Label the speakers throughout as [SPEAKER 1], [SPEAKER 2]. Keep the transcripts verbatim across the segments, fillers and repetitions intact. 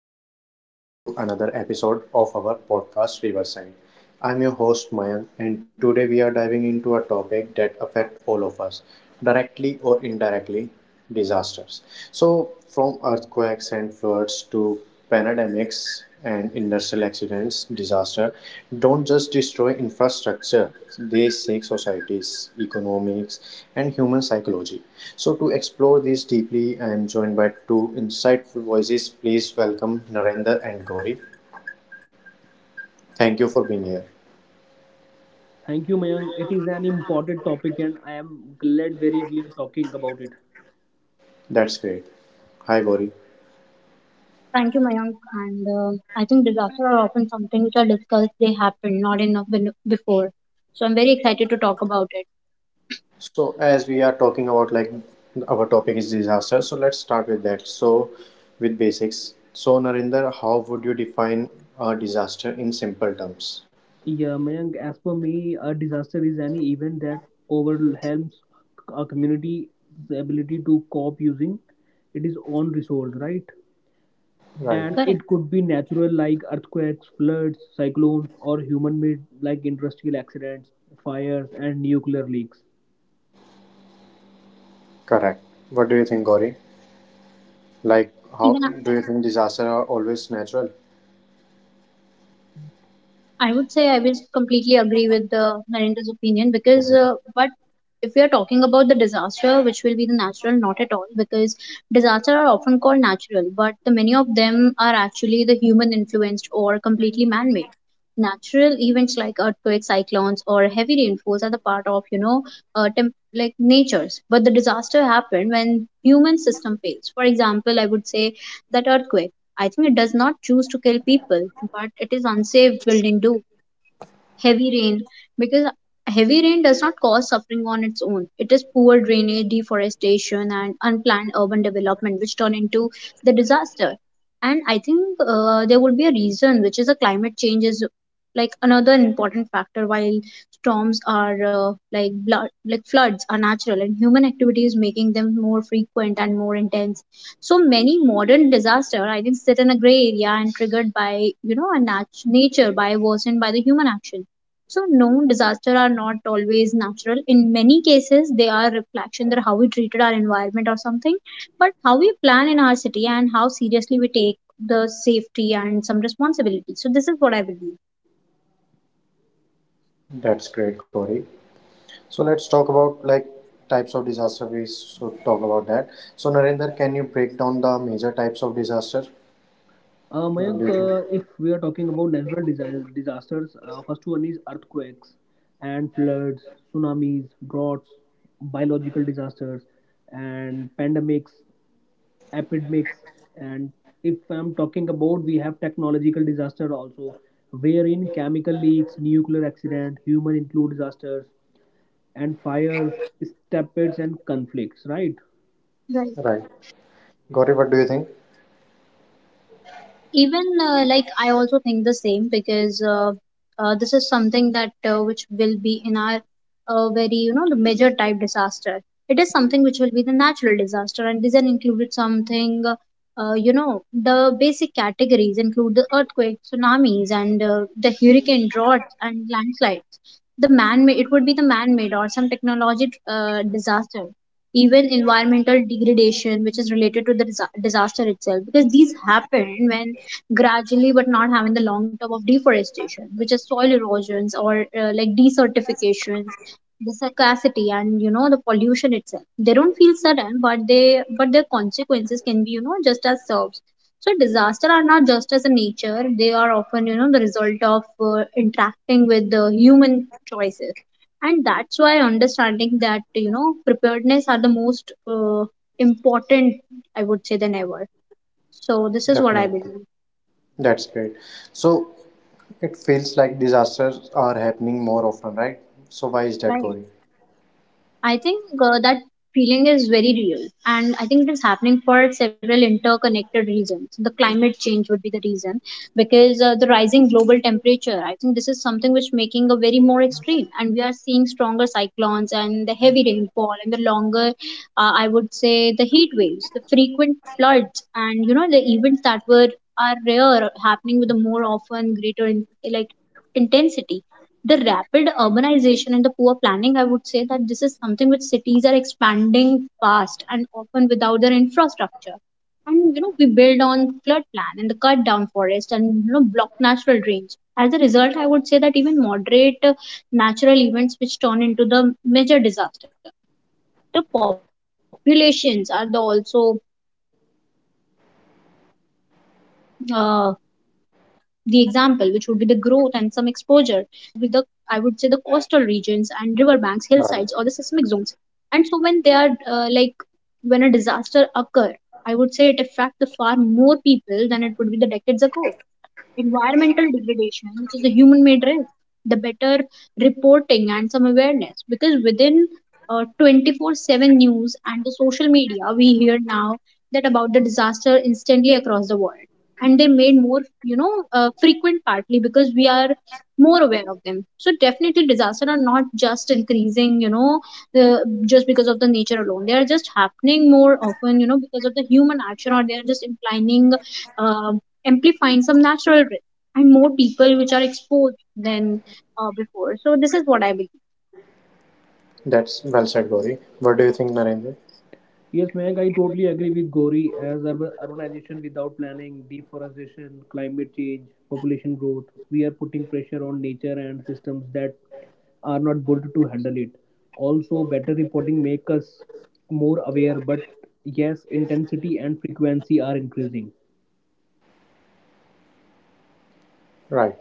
[SPEAKER 1] and welcome everyone to another episode of our podcast Riverside. I'm your host Mayank, and today we are diving into a topic that affects all of us, directly or indirectly, disasters. So, from earthquakes and floods to pandemics and industrial accidents, disaster don't just destroy infrastructure; they shake societies, economics, and human psychology. So, to explore this deeply, I am joined by two insightful voices. Please welcome Narendra and Gauri. Thank you for being here.
[SPEAKER 2] Thank you, Mayank. It is an important topic, and I am glad very we are talking about it.
[SPEAKER 1] That's great. Hi, Gauri.
[SPEAKER 3] Thank you, Mayank. And uh, I think disasters are often something which are discussed, they happen, not enough ben- before. So I'm very excited to talk about it.
[SPEAKER 1] So, as we are talking about like our topic is disaster, so let's start with that. So, with basics. So, Narinder, how would you define a disaster in simple terms?
[SPEAKER 2] Yeah, Mayank, as per me, a disaster is any event that overwhelms a community's ability to cope using its own resource, right?
[SPEAKER 1] Right.
[SPEAKER 2] And
[SPEAKER 3] Correct.
[SPEAKER 2] it could be natural like earthquakes, floods, cyclones, or human-made like industrial accidents, fires, and nuclear leaks.
[SPEAKER 1] Correct. What do you think, Gauri? Like, how
[SPEAKER 3] Even
[SPEAKER 1] do you think disasters are always natural?
[SPEAKER 3] I would say I will completely agree with uh, Narendra's opinion because, uh, but if we are talking about the disaster, which will be the natural, not at all, because disasters are often called natural, but the many of them are actually the human influenced or completely man made. Natural events like earthquakes, cyclones, or heavy rainfalls are the part of you know, uh, temp- like nature's. But the disaster happened when human system fails. For example, I would say that earthquake I think it does not choose to kill people, but it is unsafe building do heavy rain because heavy rain does not cause suffering on its own. It is poor drainage, deforestation, and unplanned urban development which turn into the disaster. And I think uh, there would be a reason which is a climate change is like another important factor while storms are uh, like blood like floods are natural and human activity is making them more frequent and more intense. So many modern disaster I think sit in a gray area and triggered by you know a nat- nature by worsened by the human action. So no, disaster are not always natural. In many cases, they are reflection that how we treated our environment or something, but how we plan in our city and how seriously we take the safety and some responsibility. So this is what I believe.
[SPEAKER 1] That's great, Gauri. So let's talk about like types of disaster. We should talk about that. So Narinder, can you break down the major types of disaster?
[SPEAKER 2] Uh,
[SPEAKER 1] What do
[SPEAKER 2] Mayank,
[SPEAKER 1] you
[SPEAKER 2] uh,
[SPEAKER 1] think?
[SPEAKER 2] if we are talking about natural disa- disasters, uh, first one is earthquakes and floods, tsunamis, droughts, biological disasters, and pandemics, epidemics. And if I'm talking about, we have technological disaster also, wherein chemical leaks, nuclear accident, human include disasters, and fires, stampeds, and conflicts. Right?
[SPEAKER 3] Right.
[SPEAKER 1] Right. Gauri, what do you think?
[SPEAKER 3] even uh, Like I also think the same because uh, uh, this is something that uh, which will be in our uh, very, you know, the major type disaster. It is something which will be the natural disaster and these are included something uh, uh, you know the basic categories include the earthquake, tsunamis, and uh, the hurricane, droughts, and landslides. The man made, it would be the man made or some technology uh, disaster. Even environmental degradation, which is related to the disa- disaster itself because these happen when gradually but not having the long term of deforestation which is soil erosions or uh, like desertifications, the scarcity and you know the pollution itself. They don't feel sudden, but they but their consequences can be, you know, just as serves. So disaster are not just as a nature, they are often, you know, the result of uh, interacting with the human choices. And that's why understanding that you know preparedness are the most uh, important, I would say, than ever. So this is what I
[SPEAKER 1] Definitely.
[SPEAKER 3] believe.
[SPEAKER 1] That's great. So it feels like disasters are happening more often, right? So why is that,
[SPEAKER 3] Right.
[SPEAKER 1] Gauri?
[SPEAKER 3] I think uh, that feeling is very real, and I think it is happening for several interconnected reasons. The climate change would be the reason because uh, the rising global temperature. I think this is something which making a very more extreme, and we are seeing stronger cyclones and the heavy rainfall and the longer, uh, I would say, the heat waves, the frequent floods, and you know the events that were are rare happening with a more often greater in, like, intensity. The rapid urbanization and the poor planning, I would say that this is something which cities are expanding fast and often without their infrastructure. And you know, we build on flood plan and the cut down forest and you know block natural drains. As a result, I would say that even moderate uh, natural events which turn into the major disaster. The populations are the also uh, the example, which would be the growth and some exposure, because more people now live in the like vulnerable area, which is with the, I would say, the coastal regions and riverbanks, hillsides, or the
[SPEAKER 1] Right.
[SPEAKER 3] seismic zones. And so when they are uh, like when a disaster occur, I would say it affect the far more people than it would be the decades ago. Environmental degradation, which is a human made risk, the better reporting and some awareness. Because within uh, twenty-four seven news and the social media, we hear now that about the disaster instantly across the world. And they made more, you know, uh, frequent partly because we are more aware of them. So definitely, disaster are not just increasing, you know, the, just because of the nature alone. They are just happening more often, you know, because of the human action, or they are just implying um amplifying some natural risk and more people which are exposed than uh, before. So this is what I believe.
[SPEAKER 1] That's well said, Gauri. What do you think, Narendra?
[SPEAKER 2] Yes, Mayank, I totally agree with Gauri as urban- urbanization without planning, deforestation, climate change, population growth, we are putting pressure on nature and systems that are not good to handle it. Also, better reporting make us more aware, but yes, intensity and frequency are increasing.
[SPEAKER 1] Right.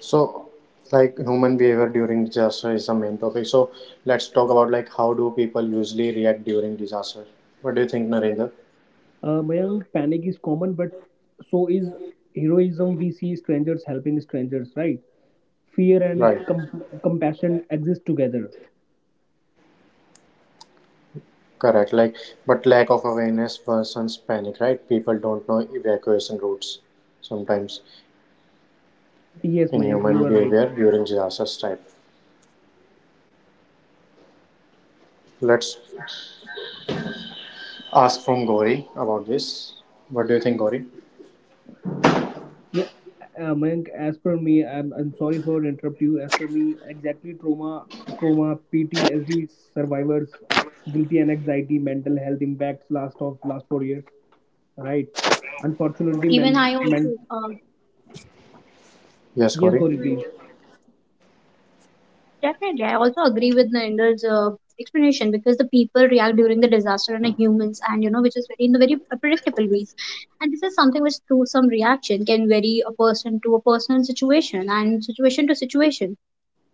[SPEAKER 1] So like human behavior during disaster is the main topic. So let's talk about like how do people usually react during disaster? What do you think, Narendra?
[SPEAKER 2] Uh, Mayank, panic is common, but so is heroism. We see strangers helping strangers, right? Fear and
[SPEAKER 1] Right.
[SPEAKER 2] com- compassion exist together.
[SPEAKER 1] Correct. Like but lack of awareness worsens panic, right? People don't know evacuation routes sometimes
[SPEAKER 2] Yes,
[SPEAKER 1] in
[SPEAKER 2] Mayank, you are
[SPEAKER 1] human
[SPEAKER 2] right.
[SPEAKER 1] behavior during disasters type. Let's ask from Gauri about this. What do you think, Gauri?
[SPEAKER 2] Yeah, uh, Mayank, as per me, I'm, I'm sorry for interrupt you. As per me, exactly trauma, trauma, P T S D survivors, guilty and anxiety, mental health impacts last of last four years, right?
[SPEAKER 3] Even I
[SPEAKER 2] Unfortunately,
[SPEAKER 3] also
[SPEAKER 2] men,
[SPEAKER 3] uh,
[SPEAKER 2] men,
[SPEAKER 1] Yes,
[SPEAKER 2] yes,
[SPEAKER 3] well,
[SPEAKER 1] Gauri.
[SPEAKER 2] Gauri, please.
[SPEAKER 3] Definitely I also agree with Narendra's uh, explanation because the people react during the disaster and the humans and you know which is very in the very uh, predictable ways. And this is something which through some reaction can vary a person to a personal situation and situation to situation.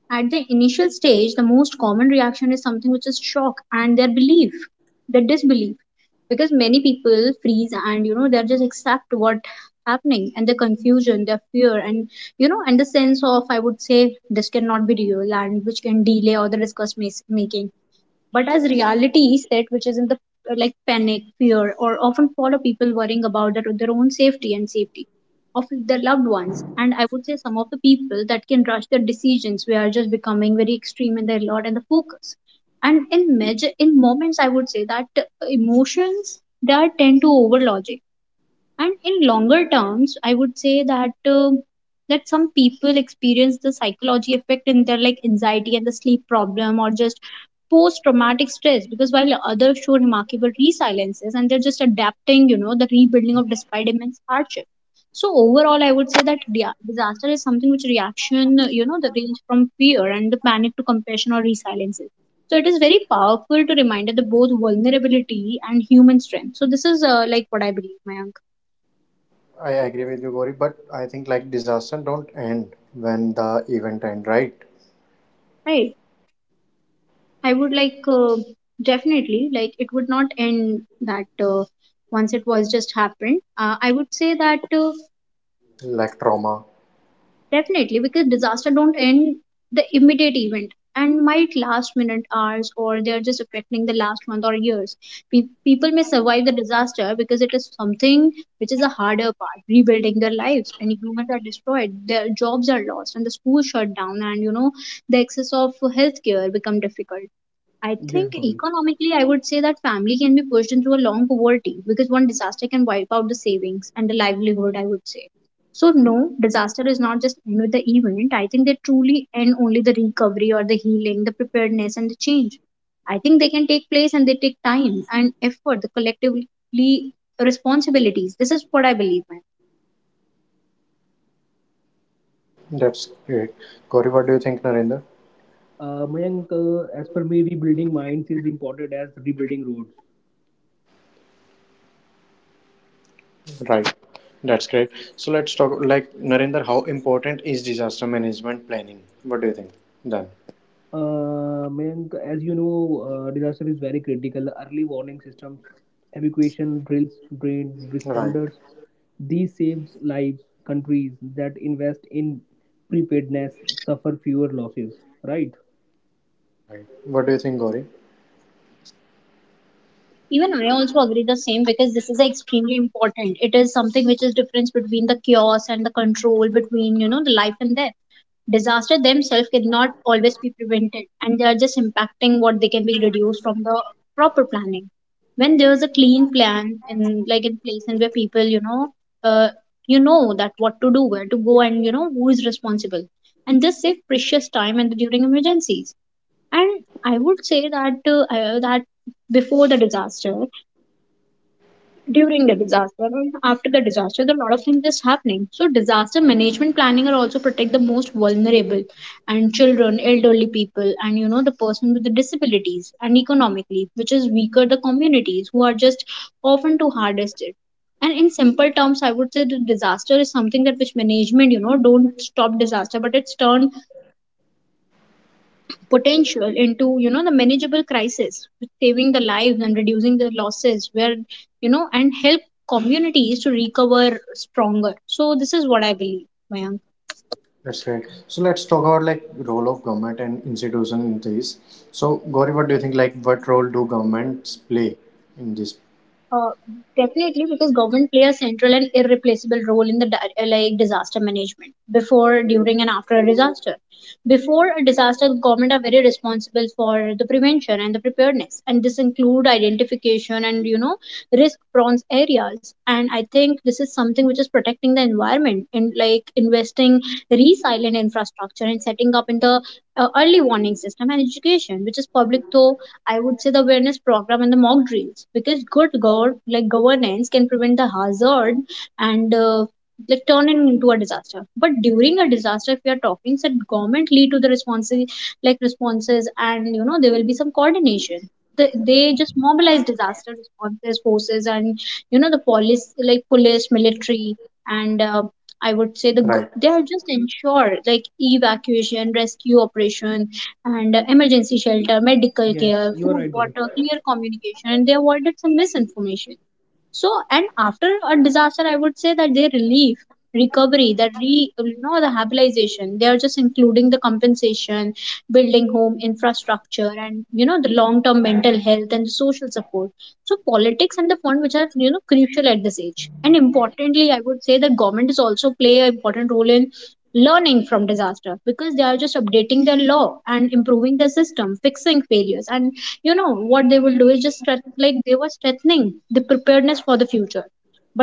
[SPEAKER 3] At the initial stage, the most common reaction is something which is shock and their belief, their disbelief. Because many people freeze and you know they are just accept what happening and the confusion, their fear and you know and the sense of, I would say, this cannot be real and which can delay or the discuss mas- making. But as reality set, which is in the uh, like panic, fear, or often follow people worrying about their, their own safety and safety of their loved ones. And I would say some of the people that can rush their decisions, we are just becoming very extreme in their lot and the focus. And in major, in moments, I would say that uh, emotions, they are tend to over logic. And in longer terms, I would say that uh, that some people experience the psychology effect in their like anxiety and the sleep problem or just post traumatic stress because while others show remarkable resiliences and they're just adapting, you know, the rebuilding of despite immense hardship. So overall I would say that dia- disaster is something which reaction know the range from fear and the panic to compassion or resiliences. So it is very powerful to remind the both vulnerability and human strength. So this is uh, like what I believe, my uncle.
[SPEAKER 1] I agree with you, Gauri, but I think like disaster don't end when the event end, right?
[SPEAKER 3] Right. I would like, uh, definitely, like, it would not end that uh, once it was just happened. Uh, I would say that uh,
[SPEAKER 1] Like trauma.
[SPEAKER 3] definitely because disaster don't end the immediate event and might last minute hours or they are just affecting the last month or years. Pe- people may survive the disaster because it is something which is a harder part, rebuilding their lives and humans are destroyed, their jobs are lost and the schools shut down and you know the access of healthcare become difficult. I
[SPEAKER 2] Yes,
[SPEAKER 3] think
[SPEAKER 2] Gauri.
[SPEAKER 3] economically, I would say that family can be pushed into a long poverty because one disaster can wipe out the savings and the livelihood, I would say. So, no, disaster is not just end with the event. I think they truly end only the recovery or the healing, the preparedness, and the change. I think they can take place and they take time and effort, the collectively responsibilities. This is what I believe in.
[SPEAKER 1] That's great. Gauri, what do you think, Narinder?
[SPEAKER 2] Uh, Mayank, uh, as per me, rebuilding minds is important as rebuilding roads.
[SPEAKER 1] Right. That's great. So let's talk like Narinder, how important is disaster management planning? What do you think then?
[SPEAKER 2] Uh, Mayank, as you know, uh, disaster is very critical. Early warning systems, evacuation drills, drain
[SPEAKER 1] Right.
[SPEAKER 2] responders, these saves lives. Countries that invest in preparedness suffer fewer losses. Right?
[SPEAKER 1] Right. What do you think, Gauri?
[SPEAKER 3] Even I also agree the same because this is extremely important. It is something which is difference between the chaos and the control between you know the life and death. Disaster themselves cannot always be prevented and they are just impacting what they can be reduced from the proper planning. When there is a clean plan and like in place and where people you know uh, you know that what to do, where to go, and you know who is responsible. And this save precious time and during emergencies. And I would say that uh, uh, that before the disaster, during the disaster, and after the disaster there are a lot of things just happening. So disaster management planning are also protect the most vulnerable and children, elderly people, and you know the person with the disabilities and economically which is weaker, the communities who are just often too hardest it. And in simple terms, I would say the disaster is something that which management you know don't stop disaster but it's turned potential into you know the manageable crisis, saving the lives and reducing the losses where you know and help communities to recover stronger. So this is what I believe, Mayank.
[SPEAKER 1] That's right. So let's talk about like role of government and institution in this. So Gauri, what do you think? Like, what role do governments play in this?
[SPEAKER 3] Uh, Definitely because government play a central and irreplaceable role in the di- uh, like disaster management before, during, and after a disaster. Before a disaster, government are very responsible for the prevention and the preparedness and this include identification and you know risk prone areas. And I think this is something which is protecting the environment and like investing resilient infrastructure and setting up in the uh, early warning system and education which is public to, I would say, the awareness program and the mock drills because good gov- like governance can prevent the hazard and uh, like turn it into a disaster. But during a disaster, if we are talking, said government lead to the responses, like responses and you know there will be some coordination. They, they just mobilize disaster responses forces and you know the police, like police, military, and uh, I would say the go-
[SPEAKER 1] Right.
[SPEAKER 3] they are just ensure like evacuation rescue operation and emergency shelter, medical
[SPEAKER 2] Yes,
[SPEAKER 3] care,
[SPEAKER 2] you are
[SPEAKER 3] food,
[SPEAKER 2] right, Gauri.
[SPEAKER 3] water, clear communication, and they avoided some misinformation. So, and after a disaster, I would say that their relief recovery, that re you know the habilitation, they are just including the compensation, building home infrastructure, and you know the long term mental health and social support. So politics and the fund, which are you know crucial at this age, and importantly, I would say that government is also play an important role in learning from disaster because they are just updating their law and improving their system, fixing failures, and you know what they will do is just strength- like they were strengthening the preparedness for the future.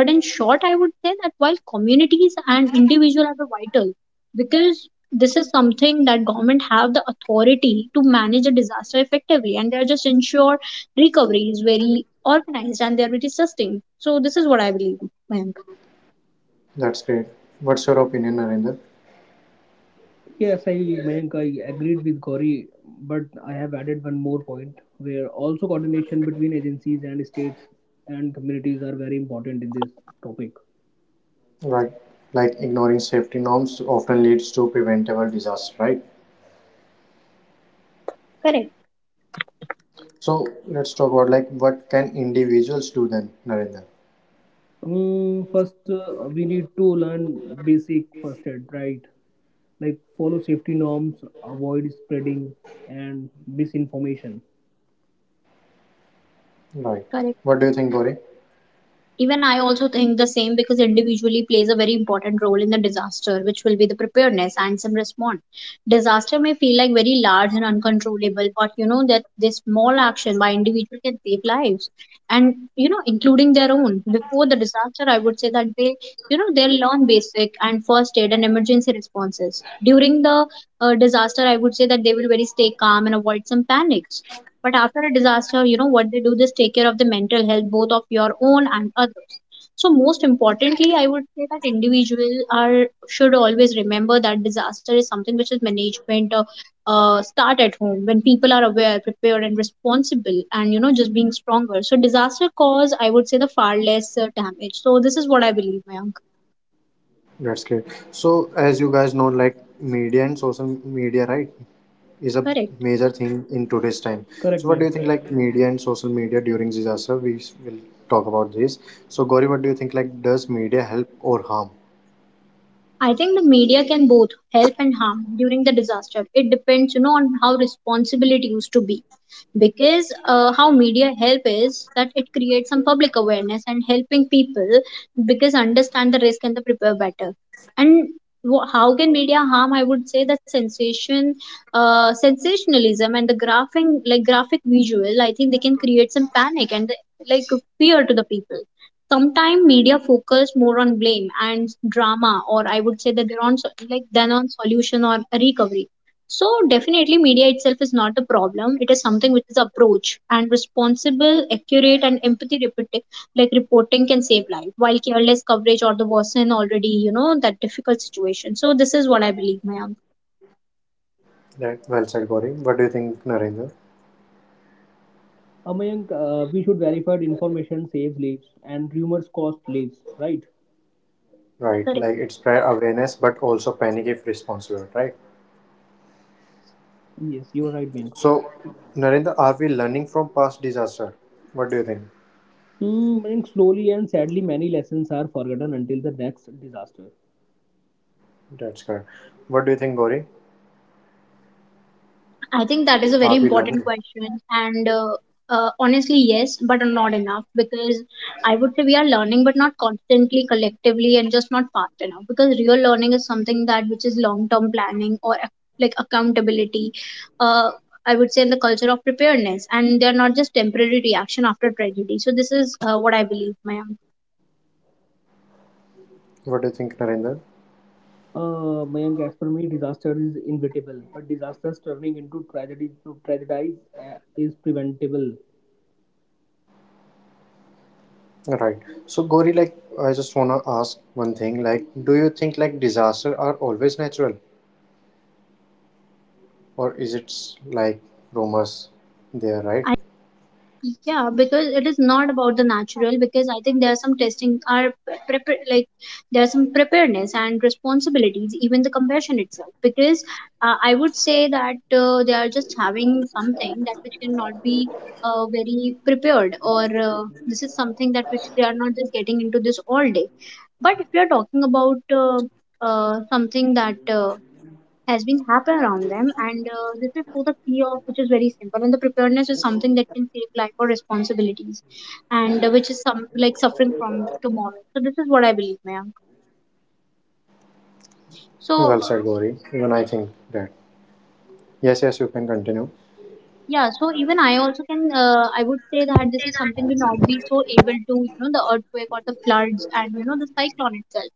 [SPEAKER 3] But in short, I would say that while communities and individuals are vital, because this is something that government have the authority to manage a disaster effectively, and they're just ensure recovery is very organized and they're very sustained. So this is what I believe, ma'am.
[SPEAKER 1] That's great. What's your opinion, Narendra?
[SPEAKER 2] Yes, I Mayank, I agreed with Gauri, but I have added one more point where also coordination between agencies and states and communities are very important in this topic.
[SPEAKER 1] Right. Like ignoring safety norms often leads to preventable disaster. Right.
[SPEAKER 3] Correct.
[SPEAKER 1] So let's talk about like what can individuals do then, Narendra?
[SPEAKER 2] Mm, first, uh, we need to learn basic first aid, right? Like follow safety norms, avoid spreading and misinformation.
[SPEAKER 1] Right.
[SPEAKER 3] Correct.
[SPEAKER 1] What do you think, Gauri?
[SPEAKER 3] Even I also think the same because individually plays a very important role in the disaster, which will be the preparedness and some response. Disaster may feel like very large and uncontrollable, but you know that this small action by individual can save lives, and you know including their own. Before the disaster, I would say that they, you know, they learn basic and first aid and emergency responses. During the uh, disaster, I would say that they will very stay calm and avoid some panics. But after a disaster, you know what they do? Just take care of the mental health, both of your own and others. So most importantly, I would say that individuals are should always remember that disaster is something which is management, uh, uh, start at home when people are aware, prepared, and responsible, and you know just being stronger. So disaster cause, I would say, the far less uh, damage. So this is what I believe, Mayank.
[SPEAKER 1] That's great. So as you guys know, like media and social media, right? Is a
[SPEAKER 3] Correct.
[SPEAKER 1] major thing in today's time,
[SPEAKER 2] Correct,
[SPEAKER 1] so what do
[SPEAKER 2] Mayank.
[SPEAKER 1] you think, like media and social media during disaster, we s- will talk about this. So Gauri, what do you think? Like, does media help or harm?
[SPEAKER 3] I think the media can both help and harm during the disaster. It depends, you know, on how responsible it used to be. Because uh, how media help is that it creates some public awareness and helping people because understand the risk and the prepare better. And wh- how can media harm? I would say that sensation, uh, sensationalism and the graphing like graphic visual. I think they can create some panic and, like, fear to the people. Sometimes media focus more on blame and drama, or I would say that they're on so- like than on solution or recovery. So definitely, media itself is not a problem. It is something which is approach and responsible, accurate, and empathy reporting like reporting can save life, while careless coverage or the worsen already you know that difficult situation. So this is what I believe, Mayank.
[SPEAKER 1] Right. Well said, Gauri. What do you think, Narendra?
[SPEAKER 2] Uh, Mayank, uh, we should verify the information saves lives and rumors cost lives, right?
[SPEAKER 1] Right.
[SPEAKER 3] Correct.
[SPEAKER 1] Like it spread awareness but also panic if responsible, right?
[SPEAKER 2] Yes, you are right, Mayank.
[SPEAKER 1] So Narendra, are we learning from past disaster? What do you think?
[SPEAKER 2] Mm, Mayank, slowly and sadly, many lessons are forgotten until the next disaster.
[SPEAKER 1] That's correct. What do you think, Gauri?
[SPEAKER 3] I think that is a very
[SPEAKER 1] Are we
[SPEAKER 3] important
[SPEAKER 1] learning?
[SPEAKER 3] question, and uh, uh, honestly, yes, but not enough because I would say we are learning, but not constantly, collectively, and just not fast enough. Because real learning is something that which is long-term planning or ac- like accountability. Uh, I would say in the culture of preparedness, and they are not just temporary reaction after tragedy. So this is uh, what I believe, ma'am.
[SPEAKER 1] What do you think, Narendra?
[SPEAKER 2] Uh, Mayank, as per me, disaster is inevitable, but disasters turning into tragedy to tragedies uh, is preventable.
[SPEAKER 1] Right. So Gori, like I just wanna ask one thing. Like, do you think like disaster are always natural,
[SPEAKER 3] I think disaster are
[SPEAKER 1] or
[SPEAKER 3] something
[SPEAKER 1] is it
[SPEAKER 3] which
[SPEAKER 1] s-
[SPEAKER 3] cannot.
[SPEAKER 1] like rumors? There, right?
[SPEAKER 3] Yeah, because it is not about the natural. Because I think there are some testing are prepare like there are some preparedness and responsibilities, even the compassion itself. Because uh, I would say that uh, they are just having something that which cannot be uh, very prepared, or uh, this is something that which they are not just getting into this all day. But if you are talking about uh, uh, something that uh, has been happen around them, and uh, this is for the key of which is very simple, and the preparedness is something that can save life or responsibilities, and uh, which is some like suffering from tomorrow. So this is what I believe, ma'am. So
[SPEAKER 1] Well said, Gori. Even I think that. Yes, yes, you can continue.
[SPEAKER 3] yeah, so even I also can, uh, I would say that this is something we not be so able to you know the earthquake or the floods, and you know the cyclone itself,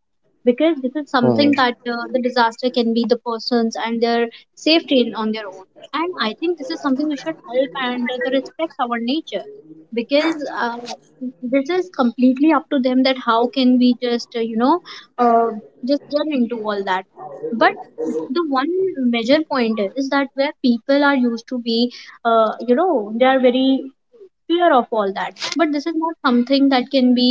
[SPEAKER 3] because this is
[SPEAKER 1] Hmm.
[SPEAKER 3] something that uh, the disaster can be the persons and their safety in, on their own. And I think this is something we should help, and uh, the respect our nature. Because uh, this is completely up to them, that how can we just uh, you know uh, just get into all that. But the one major point is that where people are used to be uh, you know they are very fear of all that, but this is not something that can be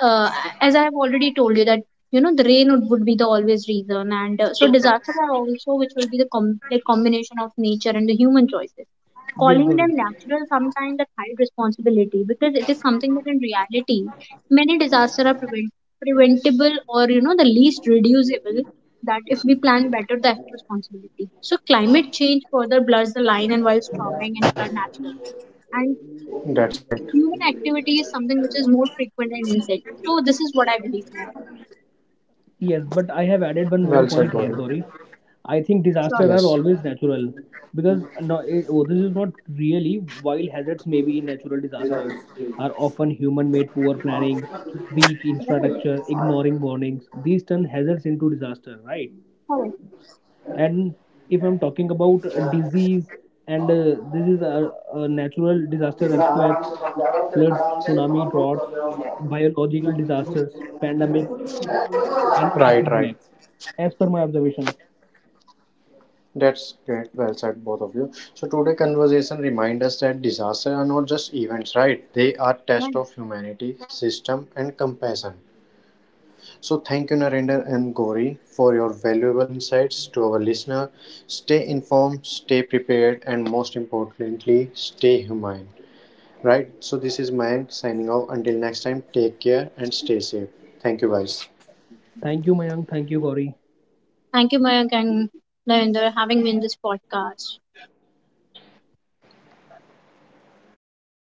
[SPEAKER 3] uh, as I have already told you that you know the rain would, would be the always reason, and uh, so disasters are also which will be the com- like combination of nature and the human choices.
[SPEAKER 2] Yes,
[SPEAKER 3] Calling
[SPEAKER 2] Gauri.
[SPEAKER 3] them natural sometimes that hide responsibility, because it is something that in reality many disasters are prevent- preventable, or you know the least reducible, that if we plan better the responsibility. So climate change further blurs the line, and while storming and flood natural and
[SPEAKER 1] That's great.
[SPEAKER 3] human activity is something which is more frequent in insects. So this is what I believe now.
[SPEAKER 2] Yes, but I have added one more
[SPEAKER 1] Well
[SPEAKER 2] point
[SPEAKER 1] said,
[SPEAKER 2] here,
[SPEAKER 1] Gori.
[SPEAKER 2] Gauri. I think
[SPEAKER 3] Sure.
[SPEAKER 2] disasters are
[SPEAKER 1] Yes.
[SPEAKER 2] always natural because no, eh, oh, this is not really. While hazards may be natural disasters, are often human-made poor planning, weak
[SPEAKER 3] Right.
[SPEAKER 2] infrastructure, ignoring warnings. These turn hazards into disaster, right?
[SPEAKER 3] All right.
[SPEAKER 2] And if I'm talking about a disease, and uh, this is a, a natural disaster, earthquakes, floods, tsunami, droughts, biological disasters, pandemics, and
[SPEAKER 1] Right, right.
[SPEAKER 2] epidemics, as per my observation.
[SPEAKER 1] That's great. Well said, both of you. So today conversation remind us that disasters are not just events, right? They are test
[SPEAKER 3] Right.
[SPEAKER 1] of humanity, system, and compassion. So thank you, Narendra and Gauri, for your valuable insights to our listener. Stay informed, stay prepared, and most importantly, stay humane. Right. So this is Mayank signing off. Until next time, take care and stay safe. Thank you, guys.
[SPEAKER 2] Thank you, Mayank. Thank you, Gauri.
[SPEAKER 3] Thank you, Mayank and Narendra, having me in this podcast.